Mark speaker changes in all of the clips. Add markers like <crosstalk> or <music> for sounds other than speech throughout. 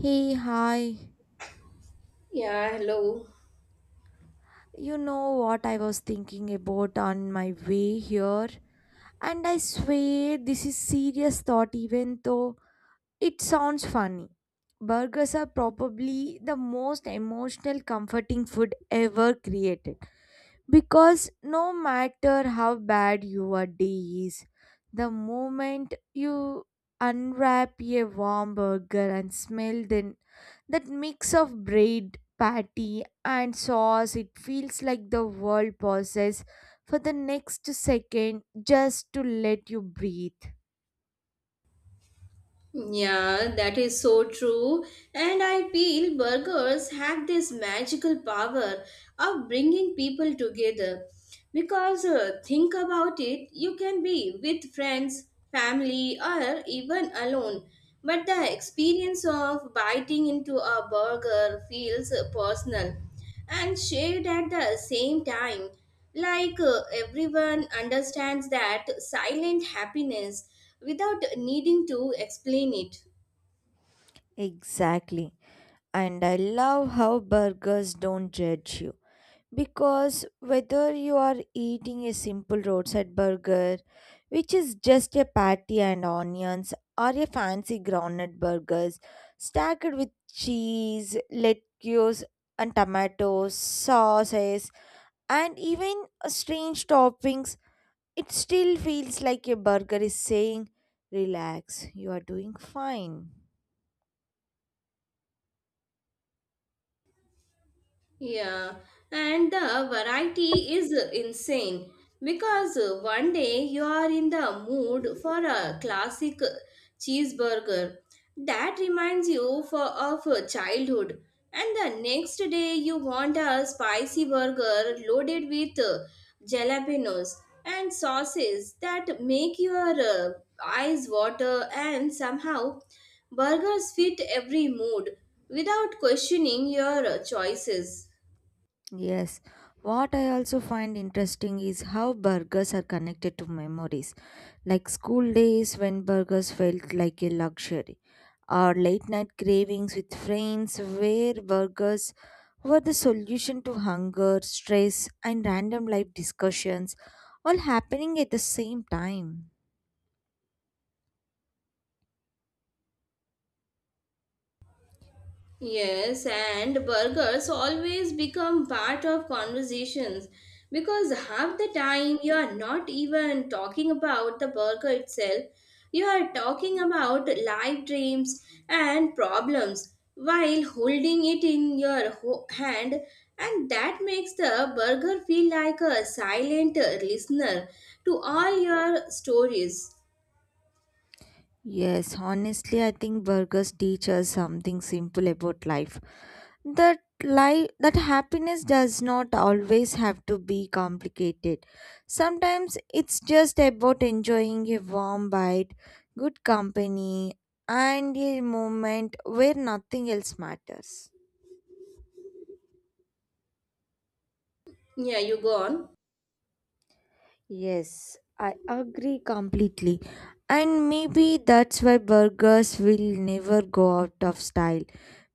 Speaker 1: Hey, hi.
Speaker 2: Yeah, hello.
Speaker 1: You know what I was thinking about on my way here? And I swear this is serious thought even though it sounds funny. Burgers are probably the most emotional comforting food ever created. Because no matter how bad your day is, the moment you unwrap a warm burger and smell then that mix of bread, patty and sauce, it feels like the world pauses for the next second just to let you breathe.
Speaker 2: Yeah, that is so true. And I feel burgers have this magical power of bringing people together. Because think about it, you can be with friends, family, or even alone. But the experience of biting into a burger feels personal and shared at the same time. Everyone understands that silent happiness without needing to explain it.
Speaker 1: Exactly. And I love how burgers don't judge you. Because whether you are eating a simple roadside burger, which is just a patty and onions, or a fancy groundnut burgers stacked with cheese, lettuce, and tomatoes, sauces, and even strange toppings, it still feels like a burger is saying, relax, you are doing fine.
Speaker 2: Yeah, and the variety is insane because one day you are in the mood for a classic cheeseburger that reminds you of childhood, and the next day you want a spicy burger loaded with jalapenos and sauces that make your eyes water, and somehow burgers fit every mood without questioning your choices.
Speaker 1: Yes, what I also find interesting is how burgers are connected to memories, like school days when burgers felt like a luxury, or late night cravings with friends where burgers were the solution to hunger, stress, and random life discussions, all happening at the same time.
Speaker 2: Yes, and burgers always become part of conversations because half the time you are not even talking about the burger itself. You are talking about life dreams and problems while holding it in your hand, and that makes the burger feel like a silent listener to all your stories.
Speaker 1: Yes, honestly, I think burgers teach us something simple about life. That life, that happiness does not always have to be complicated. Sometimes it's just about enjoying a warm bite, good company, and a moment where nothing else matters.
Speaker 2: Yeah, you go on.
Speaker 1: Yes, I agree completely. And maybe that's why burgers will never go out of style.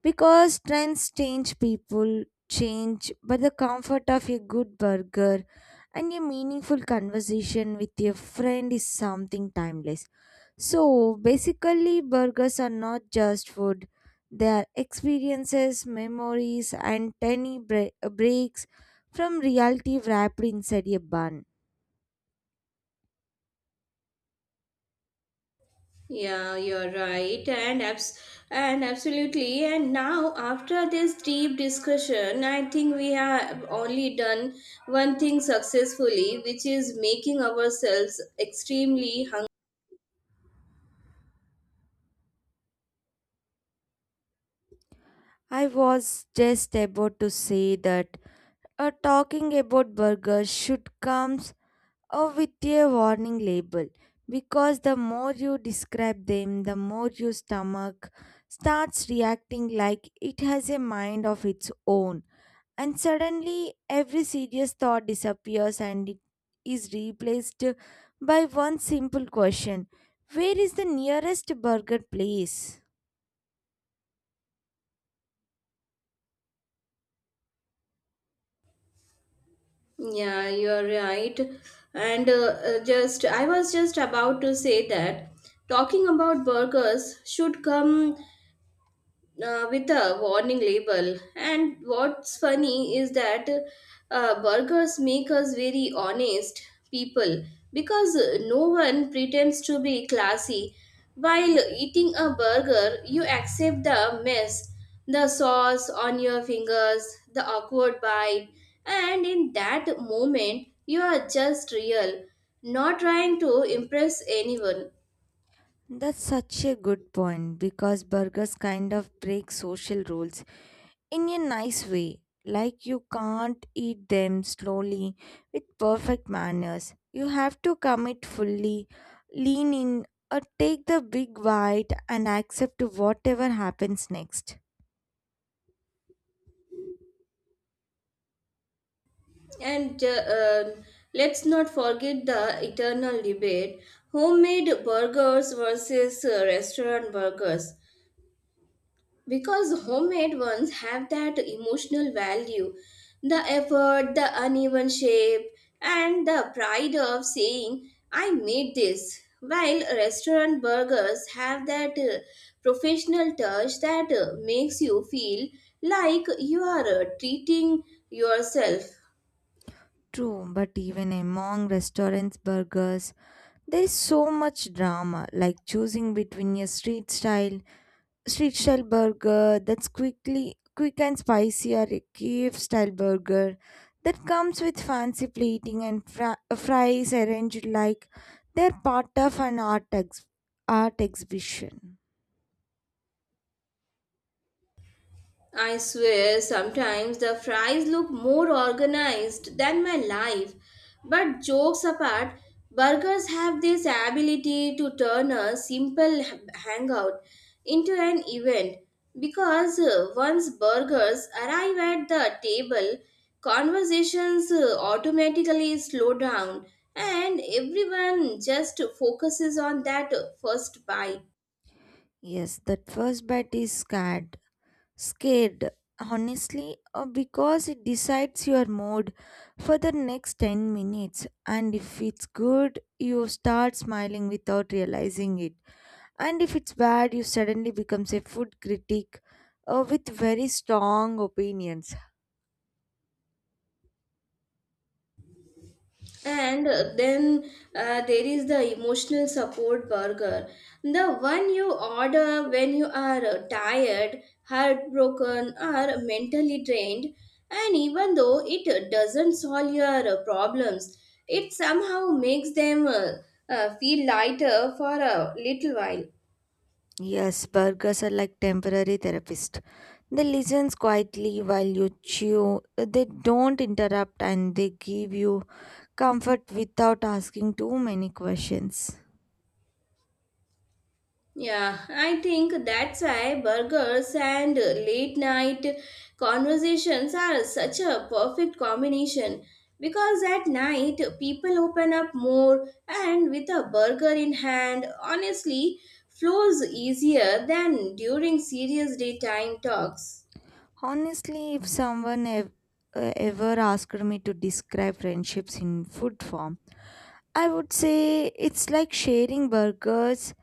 Speaker 1: Because trends change, people change, but the comfort of a good burger and a meaningful conversation with your friend is something timeless. So basically, burgers are not just food, they are experiences, memories, and tiny breaks from reality wrapped inside a bun.
Speaker 2: Yeah, you're right, and absolutely. And now, after this deep discussion, I think we have only done one thing successfully, which is making ourselves extremely hungry.
Speaker 1: I was just about to say that talking about burgers should come with a warning label because the more you describe them, the more your stomach starts reacting like it has a mind of its own. And suddenly, every serious thought disappears and it is replaced by one simple question: where is the nearest burger place?
Speaker 2: Yeah, you're right. I was just about to say that talking about burgers should come with a warning label. And what's funny is that burgers make us very honest people because no one pretends to be classy. While eating a burger, you accept the mess, the sauce on your fingers, the awkward bite, and in that moment, you are just real, not trying to impress anyone.
Speaker 1: That's such a good point because burgers kind of break social rules in a nice way. Like you can't eat them slowly with perfect manners. You have to commit fully, lean in, or take the big bite and accept to whatever happens next.
Speaker 2: And Let's not forget the eternal debate: homemade burgers versus restaurant burgers. Because homemade ones have that emotional value, the effort, the uneven shape, and the pride of saying, "I made this." While restaurant burgers have that professional touch that makes you feel like you are treating yourself.
Speaker 1: True, but even among restaurants' burgers, there is so much drama, like choosing between a street style Street Style burger that's quickly quick and spicy or a cave style burger that comes with fancy plating and fries arranged like they're part of an art exhibition.
Speaker 2: I swear sometimes the fries look more organized than my life. But jokes apart, burgers have this ability to turn a simple hangout into an event because once burgers arrive at the table, conversations automatically slow down and everyone just focuses on that first bite.
Speaker 1: Yes, that first bite is scared. Scared, honestly, because it decides your mood for the next 10 minutes. And if it's good, you start smiling without realizing it. And if it's bad, you suddenly becomes a food critic with very strong opinions.
Speaker 2: And then there is the emotional support burger, the one you order when you are tired, heartbroken, or mentally drained. And even though it doesn't solve your problems, it somehow makes them feel lighter for a little while.
Speaker 1: Yes, burgers are like temporary therapists. They listen quietly while you chew. They don't interrupt and they give you comfort without asking too many questions.
Speaker 2: Yeah, I think that's why burgers and late night conversations are such a perfect combination, because at night people open up more and with a burger in hand, honestly, flows easier than during serious daytime talks.
Speaker 1: Honestly, if ever asked me to describe friendships in food form, I would say it's like sharing burgers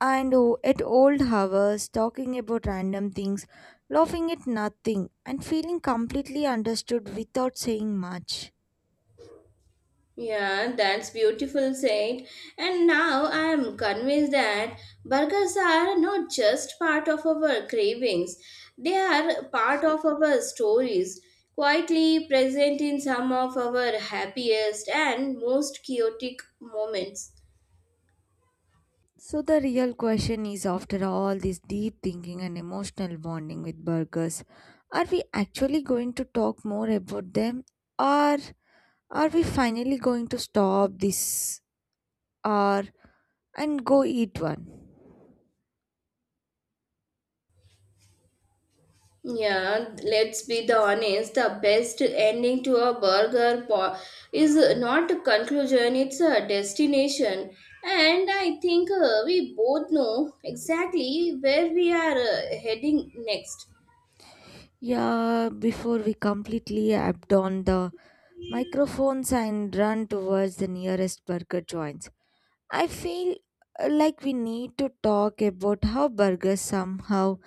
Speaker 1: and oh, at old hours, talking about random things, laughing at nothing, and feeling completely understood without saying much.
Speaker 2: Yeah, that's beautiful said. And now I am convinced that burgers are not just part of our cravings, they are part of our stories, quietly present in some of our happiest and most chaotic moments.
Speaker 1: So, the real question is after all this deep thinking and emotional bonding with burgers, are we actually going to talk more about them? Or are we finally going to stop this hour and go eat one?
Speaker 2: Yeah, let's be the honest. The best ending to a burger is not a conclusion; it's a destination. And I think we both know exactly where we are heading next.
Speaker 1: Yeah, before we completely apt on the microphones and run towards the nearest burger joints. I feel like we need to talk about how burgers somehow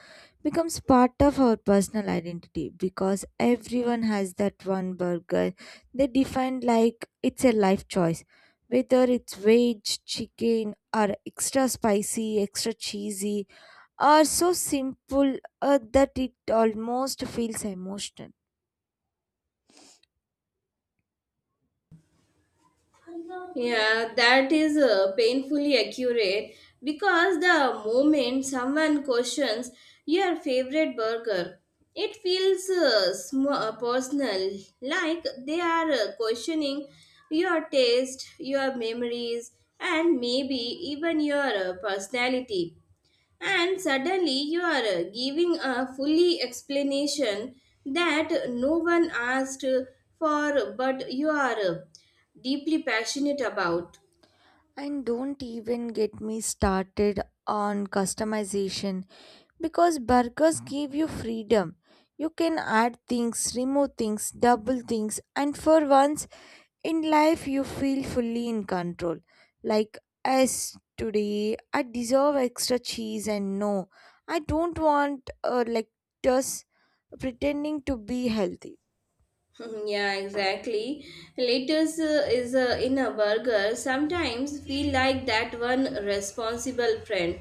Speaker 1: becomes part of our personal identity because everyone has that one burger they define like it's a life choice whether it's veg chicken or extra spicy extra cheesy are so simple that it almost feels emotional.
Speaker 2: Yeah, that is painfully accurate because the moment someone questions your favorite burger, it feels personal, like they are questioning your taste, your memories, and maybe even your personality, and suddenly you are giving a fully explanation that no one asked for but you are deeply passionate about.
Speaker 1: And don't even get me started on customization because burgers give you freedom. You can add things, remove things, double things, and for once in life, you feel fully in control. Like, as today, I deserve extra cheese, and no, I don't want like just pretending to be healthy.
Speaker 2: <laughs> Yeah, exactly. Lettuce is in a burger sometimes feel like that one responsible friend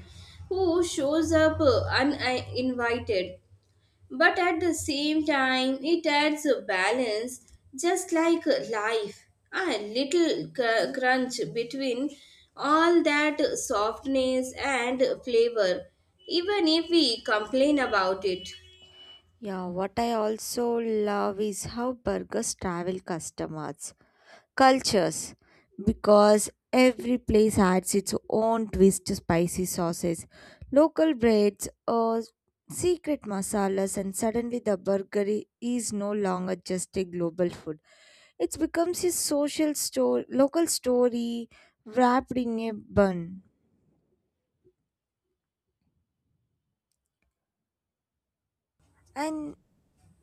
Speaker 2: who shows up uninvited. But at the same time, it adds a balance, just like life. A little crunch between all that softness and flavor, even if we complain about it.
Speaker 1: Yeah, what I also love is how burgers travel customers, cultures, because every place adds its own twist to spicy sauces, local breads, or secret masalas, and suddenly the burger is no longer just a global food. It becomes a social story, local story wrapped in a bun. And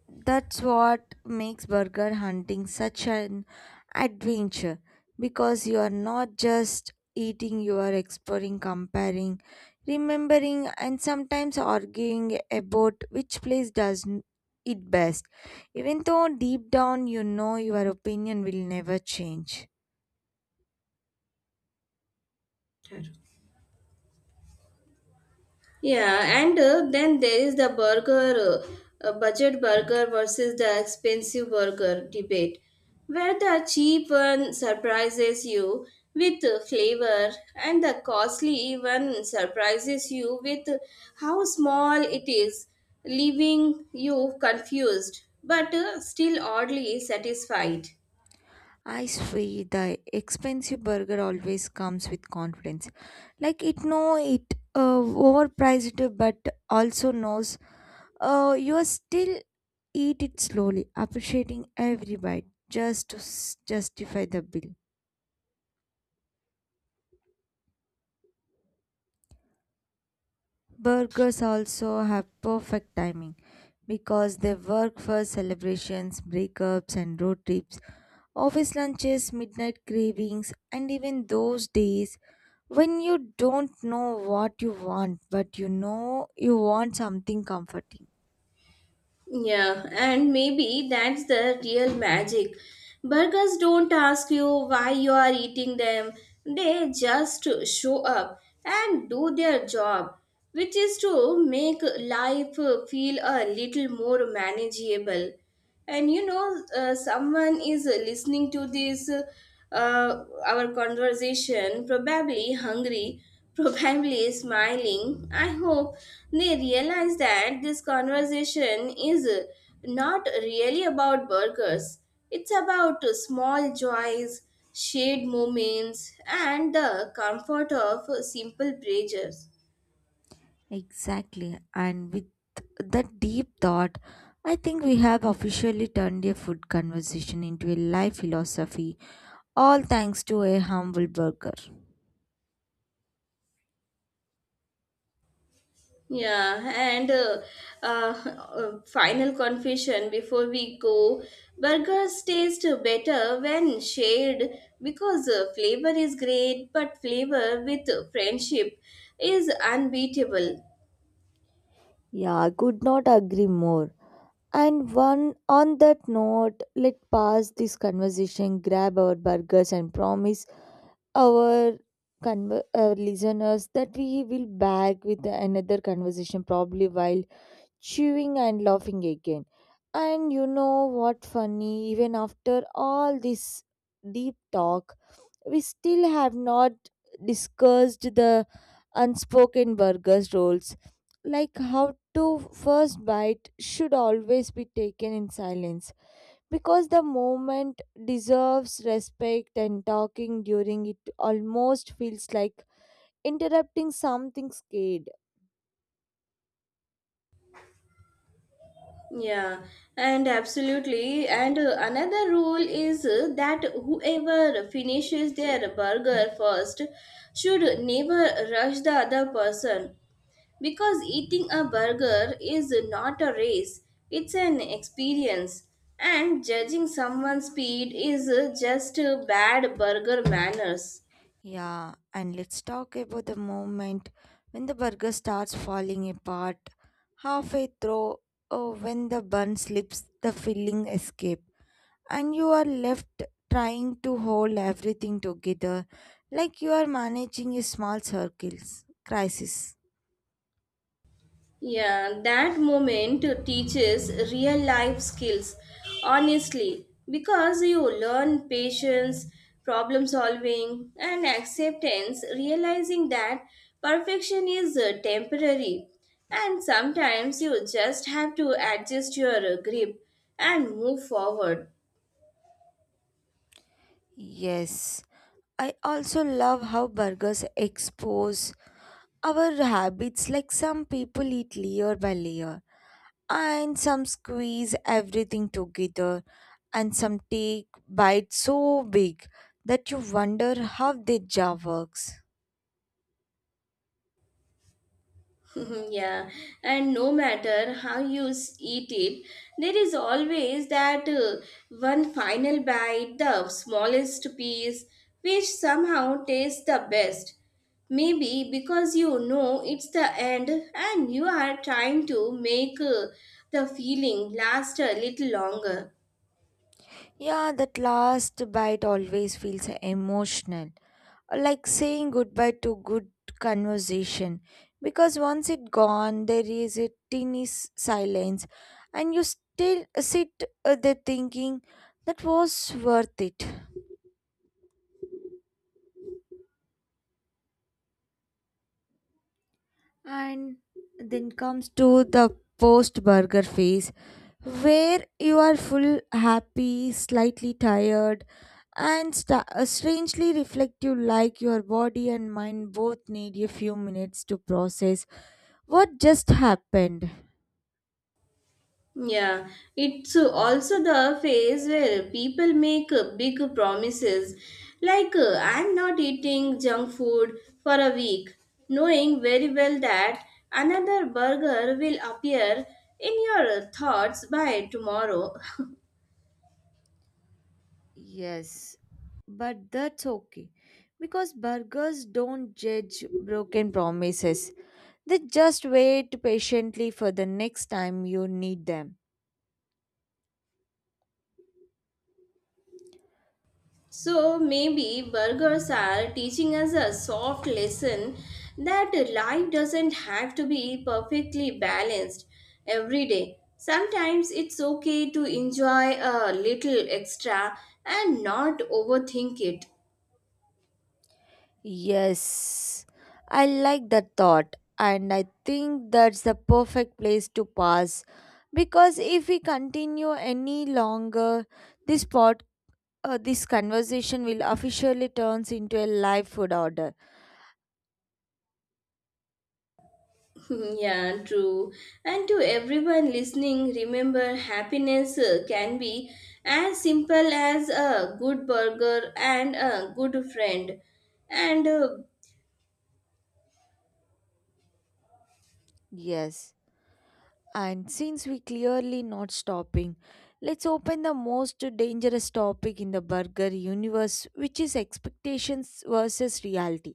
Speaker 1: that's what makes burger hunting such an adventure because you are not just eating, you are exploring, comparing, remembering, and sometimes arguing about which place it best, even though deep down you know your opinion will never change.
Speaker 2: Yeah, and then there is the budget burger versus the expensive burger debate, where the cheap one surprises you with flavor and the costly one surprises you with how small it is, leaving you confused but still oddly satisfied.
Speaker 1: I swear the expensive burger always comes with confidence. Like it know it overpriced but also knows, you are still eat it slowly, appreciating every bite just to justify the bill. Burgers also have perfect timing because they work for celebrations, breakups, and road trips, office lunches, midnight cravings, and even those days when you don't know what you want but you know you want something comforting.
Speaker 2: Yeah, and maybe that's the real magic. Burgers don't ask you why you are eating them, they just show up and do their job, which is to make life feel a little more manageable. And you know, someone is listening to this, our conversation, probably hungry, <laughs> probably smiling. I hope they realize that this conversation is not really about burgers, it's about small joys, shared moments, and the comfort of simple pleasures.
Speaker 1: Exactly. And with that deep thought, I think we have officially turned a food conversation into a life philosophy, all thanks to a humble burger.
Speaker 2: Yeah, and <laughs> Final confession before we go. Burgers taste better when shared because flavor is great, but flavor with friendship is unbeatable.
Speaker 1: Yeah, I could not agree more. And one on that note, let pass this conversation, grab our burgers, and promise our our listeners that we will back with another conversation probably while chewing and laughing again. And you know what funny, even after all this deep talk, we still have not discussed the unspoken burgers rules, like how to first bite should always be taken in silence because the moment deserves respect and talking during it almost feels like interrupting something scared.
Speaker 2: Yeah, and absolutely. And another rule is that whoever finishes their burger first should never rush the other person, because eating a burger is not a race, it's an experience. And judging someone's speed is just bad burger manners.
Speaker 1: Yeah, and let's talk about the moment when the burger starts falling apart. Halfway through, oh, when the bun slips, the filling escape, and you are left trying to hold everything together like you are managing a small circles crisis.
Speaker 2: Yeah, that moment teaches real life skills, honestly, because you learn patience, problem solving, and acceptance, realizing that perfection is temporary. And sometimes you just have to adjust your grip and move forward.
Speaker 1: Yes, I also love how burgers expose our habits like some people eat layer by layer and some squeeze everything together and some take bites so big that you wonder how their jaw works.
Speaker 2: <laughs> Yeah, and no matter how you eat it, there is always that one final bite, the smallest piece, which somehow tastes the best. Maybe because you know it's the end and you are trying to make the feeling last a little longer.
Speaker 1: Yeah, that last bite always feels emotional, like saying goodbye to good conversation. Because once it gone, there is a silence, and you still sit there thinking that was worth it. And then comes to the post burger phase where you are full happy, slightly tired, and sta strangely reflective like your body and mind both need a few minutes to process what just happened.
Speaker 2: Yeah, it's also the phase where people make big promises like I'm not eating junk food for a week, knowing very well that another burger will appear in your thoughts by tomorrow. <laughs>
Speaker 1: Yes, but that's okay because burgers don't judge broken promises. They just wait patiently for the next time you need them.
Speaker 2: So maybe burgers are teaching us a soft lesson that life doesn't have to be perfectly balanced every day. Sometimes it's okay to enjoy a little extra and not overthink it.
Speaker 1: Yes, I like that thought, and I think that's the perfect place to pause because if we continue any longer, this this conversation will officially turns into a live food order.
Speaker 2: <laughs> Yeah, true. And to everyone listening, remember, happiness can be as simple as a good burger and a good friend. And
Speaker 1: Yes. And since we clearly not stopping, let's open the most dangerous topic in the burger universe, which is expectations versus reality.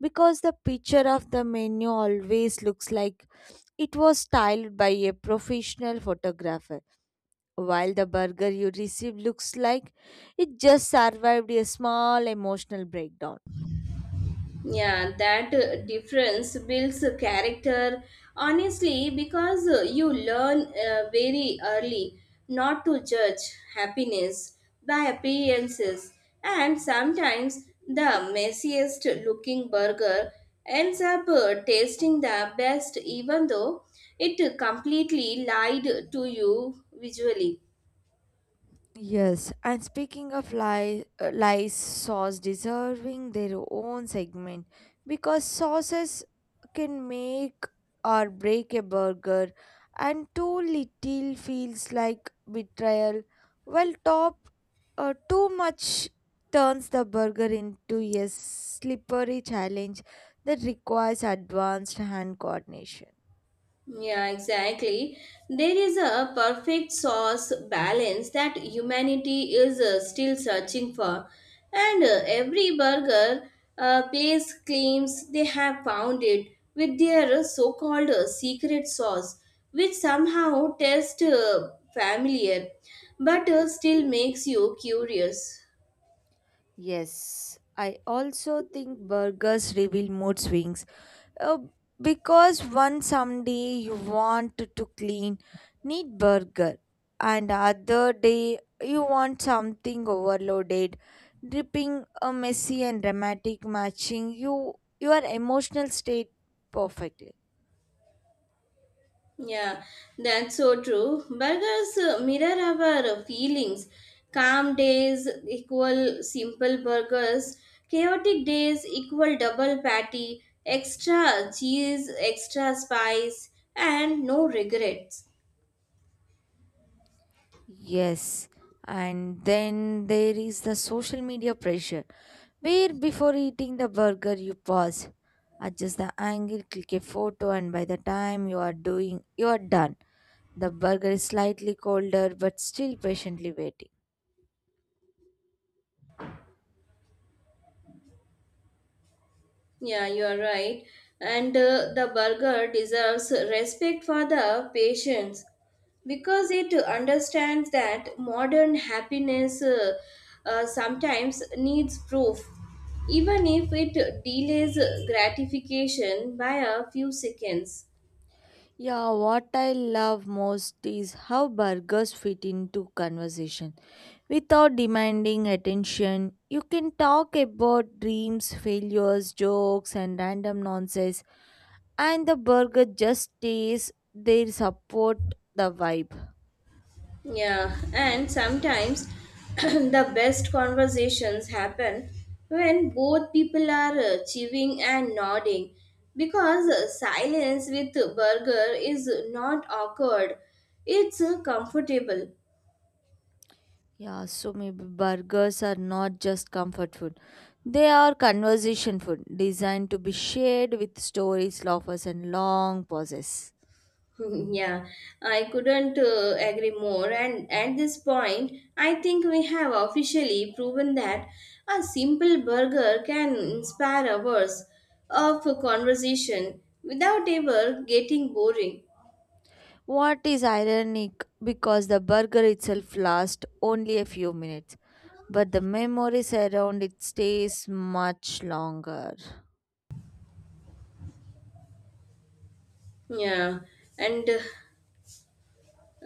Speaker 1: Because the picture of the menu always looks like it was styled by a professional photographer, while the burger you receive looks like it just survived a small emotional breakdown.
Speaker 2: Yeah, that difference builds a character honestly, because you learn very early not to judge happiness by appearances, and sometimes the messiest looking burger ends up tasting the best even though it completely lied to you visually.
Speaker 1: Yes, and speaking of lies, lies sauce deserving their own segment because sauces can make or break a burger, and too little feels like betrayal, while top too much turns the burger into a slippery challenge that requires advanced hand coordination.
Speaker 2: Yeah, exactly. There is a perfect source balance that humanity is still searching for, and every burger place claims they have found it with their so called secret sauce, which somehow tastes familiar but still makes you curious.
Speaker 1: Yes, I also think burgers reveal mood swings. Uh, because one someday you want to clean, neat burger, and other day you want something overloaded, dripping, a messy and dramatic, matching you your emotional state perfectly.
Speaker 2: Yeah, that's so true. Burgers mirror our feelings. Calm days equal simple burgers. Chaotic days equal double patty, extra cheese, extra spice, and no regrets.
Speaker 1: Yes, and then there is the social media pressure, where before eating the burger you pause, adjust the angle, click a photo, and by the time you are doing, you are done. The burger is slightly colder but still patiently waiting.
Speaker 2: Yeah, you are right. And the burger deserves respect for the patience because it understands that modern happiness sometimes needs proof, even if it delays gratification by a few seconds.
Speaker 1: Yeah, what I love most is how burgers fit into conversation. Without demanding attention, you can talk about dreams, failures, jokes, and random nonsense, and the burger just stays there, support the vibe.
Speaker 2: Yeah, and sometimes <clears throat> the best conversations happen when both people are chewing and nodding because silence with burger is not awkward, it's comfortable.
Speaker 1: Yeah, so maybe burgers are not just comfort food. They are conversation food designed to be shared with stories, laughs, and long pauses.
Speaker 2: <laughs> Yeah, I couldn't agree more. And at this point, I think we have officially proven that a simple burger can inspire hours of conversation without ever getting boring.
Speaker 1: What is ironic because the burger itself lasts only a few minutes, but the memories around it stays much longer.
Speaker 2: Yeah, and uh,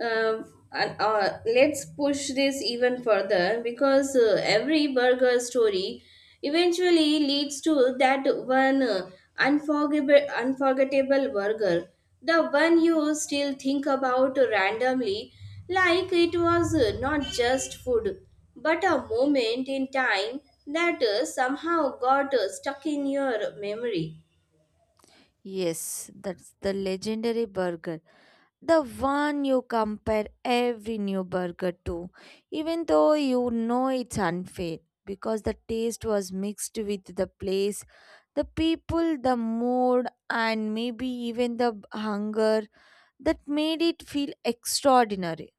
Speaker 2: um, and Let's push this even further because every burger story eventually leads to that one unforgettable burger, the one you still think about randomly like it was not just food but a moment in time that somehow got stuck in your memory.
Speaker 1: Yes, that's the legendary burger. The one you compare every new burger to, even though you know it's unfair because the taste was mixed with the place, the people, the mood, and maybe even the hunger that made it feel extraordinary.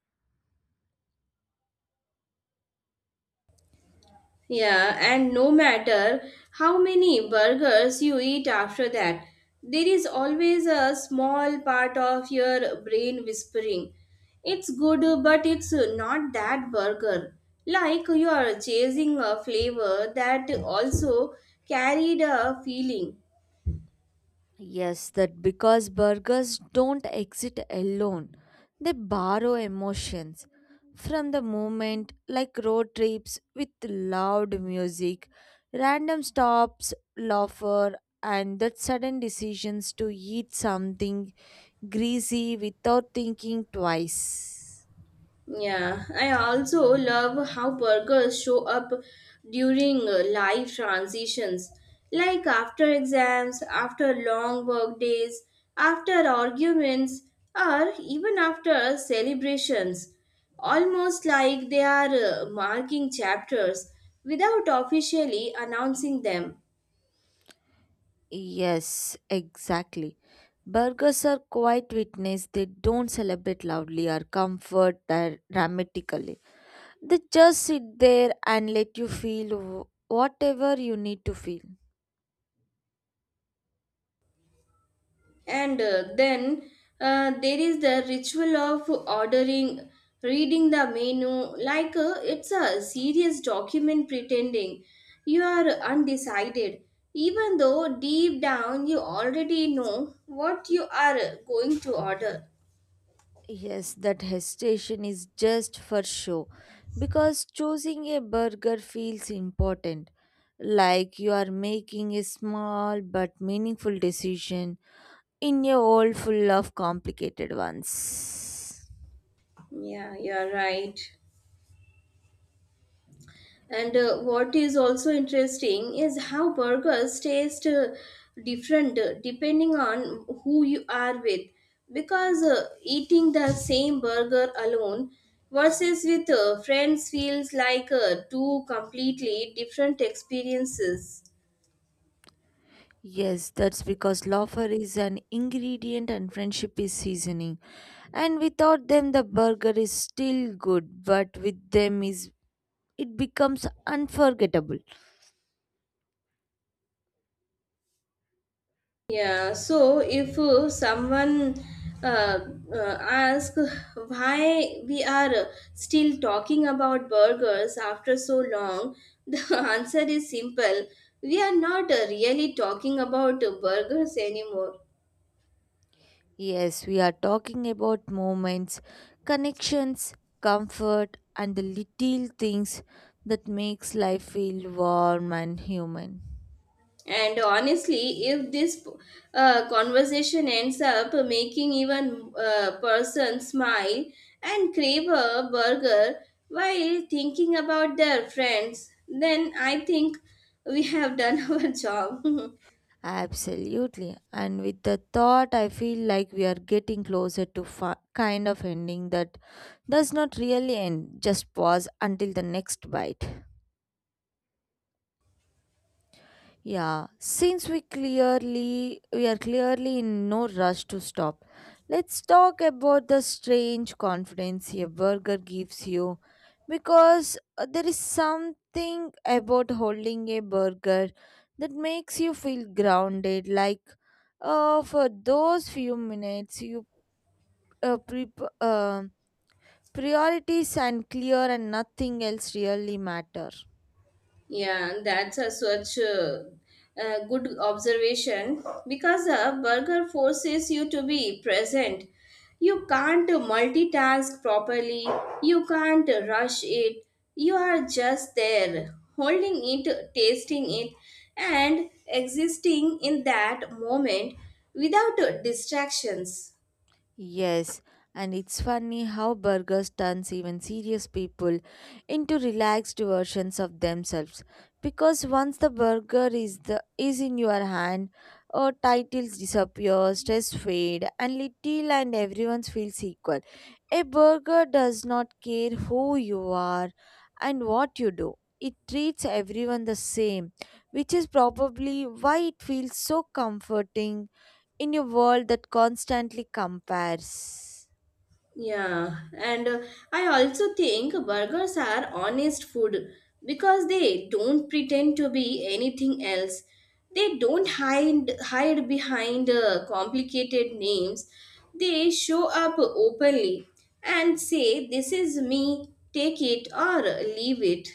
Speaker 2: Yeah, and no matter how many burgers you eat after that, there is always a small part of your brain whispering, it's good, but it's not that burger. Like you are chasing a flavor that also carried a feeling.
Speaker 1: Yes, that because burgers don't exist alone, they borrow emotions from the moment, like road trips with loud music, random stops, laughter, and that sudden decisions to eat something greasy without thinking twice.
Speaker 2: Yeah, I also love how burgers show up during life transitions, like after exams, after long work days, after arguments, or even after celebrations. Almost like they are marking chapters without officially announcing them.
Speaker 1: Yes, exactly. Burgers are quite witness, they don't celebrate loudly or comfort dramatically. They just sit there and let you feel whatever you need to feel.
Speaker 2: And then there is the ritual of ordering, reading the menu like it's a serious document, pretending you are undecided, even though deep down you already know what you are going to order.
Speaker 1: Yes, that hesitation is just for show because choosing a burger feels important, like you are making a small but meaningful decision in a world full of complicated ones.
Speaker 2: Yeah, you're right. And what is also interesting is how burgers taste different depending on who you are with. Because eating the same burger alone versus with friends feels like two completely different experiences.
Speaker 1: Yes, that's because laughter is an ingredient and friendship is seasoning. And without them, the burger is still good, but with them is it becomes unforgettable.
Speaker 2: Yeah, so if someone uh, asks why we are still talking about burgers after so long, <laughs> the answer is simple. We are not really talking about burgers anymore.
Speaker 1: Yes, we are talking about moments, connections, comfort, and the little things that makes life feel warm and human.
Speaker 2: And honestly, if this conversation ends up making even a person smile and crave a burger while thinking about their friends, then I think we have done <laughs> our job.
Speaker 1: Absolutely. And with the thought, I feel like we are getting closer to kind of ending that does not really end, just pause until the next bite. Yeah, since we clearly we are clearly in no rush to stop. Let's talk about the strange confidence a burger gives you because there is something about holding a burger that makes you feel grounded like for those few minutes you uh, pre- uh, priorities and clear and nothing else really matter.
Speaker 2: Yeah, that's a good observation because a burger forces you to be present. You can't multitask properly, you can't rush it, you are just there, holding it, tasting it, and existing in that moment without distractions.
Speaker 1: Yes, and it's funny how burgers turns even serious people into relaxed versions of themselves. Because once the burger is in your hand, titles disappear, stress fade, and little and everyone feels equal. A burger does not care who you are and what you do. It treats everyone the same, which is probably why it feels so comforting in a world that constantly compares.
Speaker 2: Yeah, and I also think burgers are honest food because they don't pretend to be anything else. They don't hide behind complicated names. They show up openly and say, "This is me. Take it or leave it."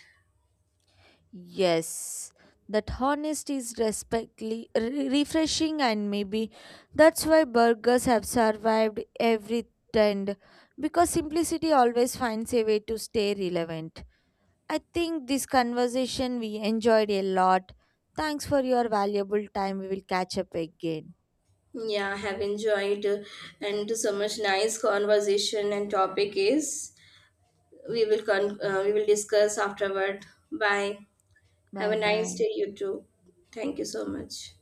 Speaker 1: Yes, that honesty is refreshing, and maybe that's why burgers have survived every trend because simplicity always finds a way to stay relevant. I think this conversation we enjoyed a lot. Thanks for your valuable time. We will catch up again.
Speaker 2: Yeah, I have enjoyed and so much nice conversation, and topic is we will we will discuss afterward. Bye. Have a
Speaker 1: Bye
Speaker 2: nice
Speaker 1: bye.
Speaker 2: day, you too. Thank you so much.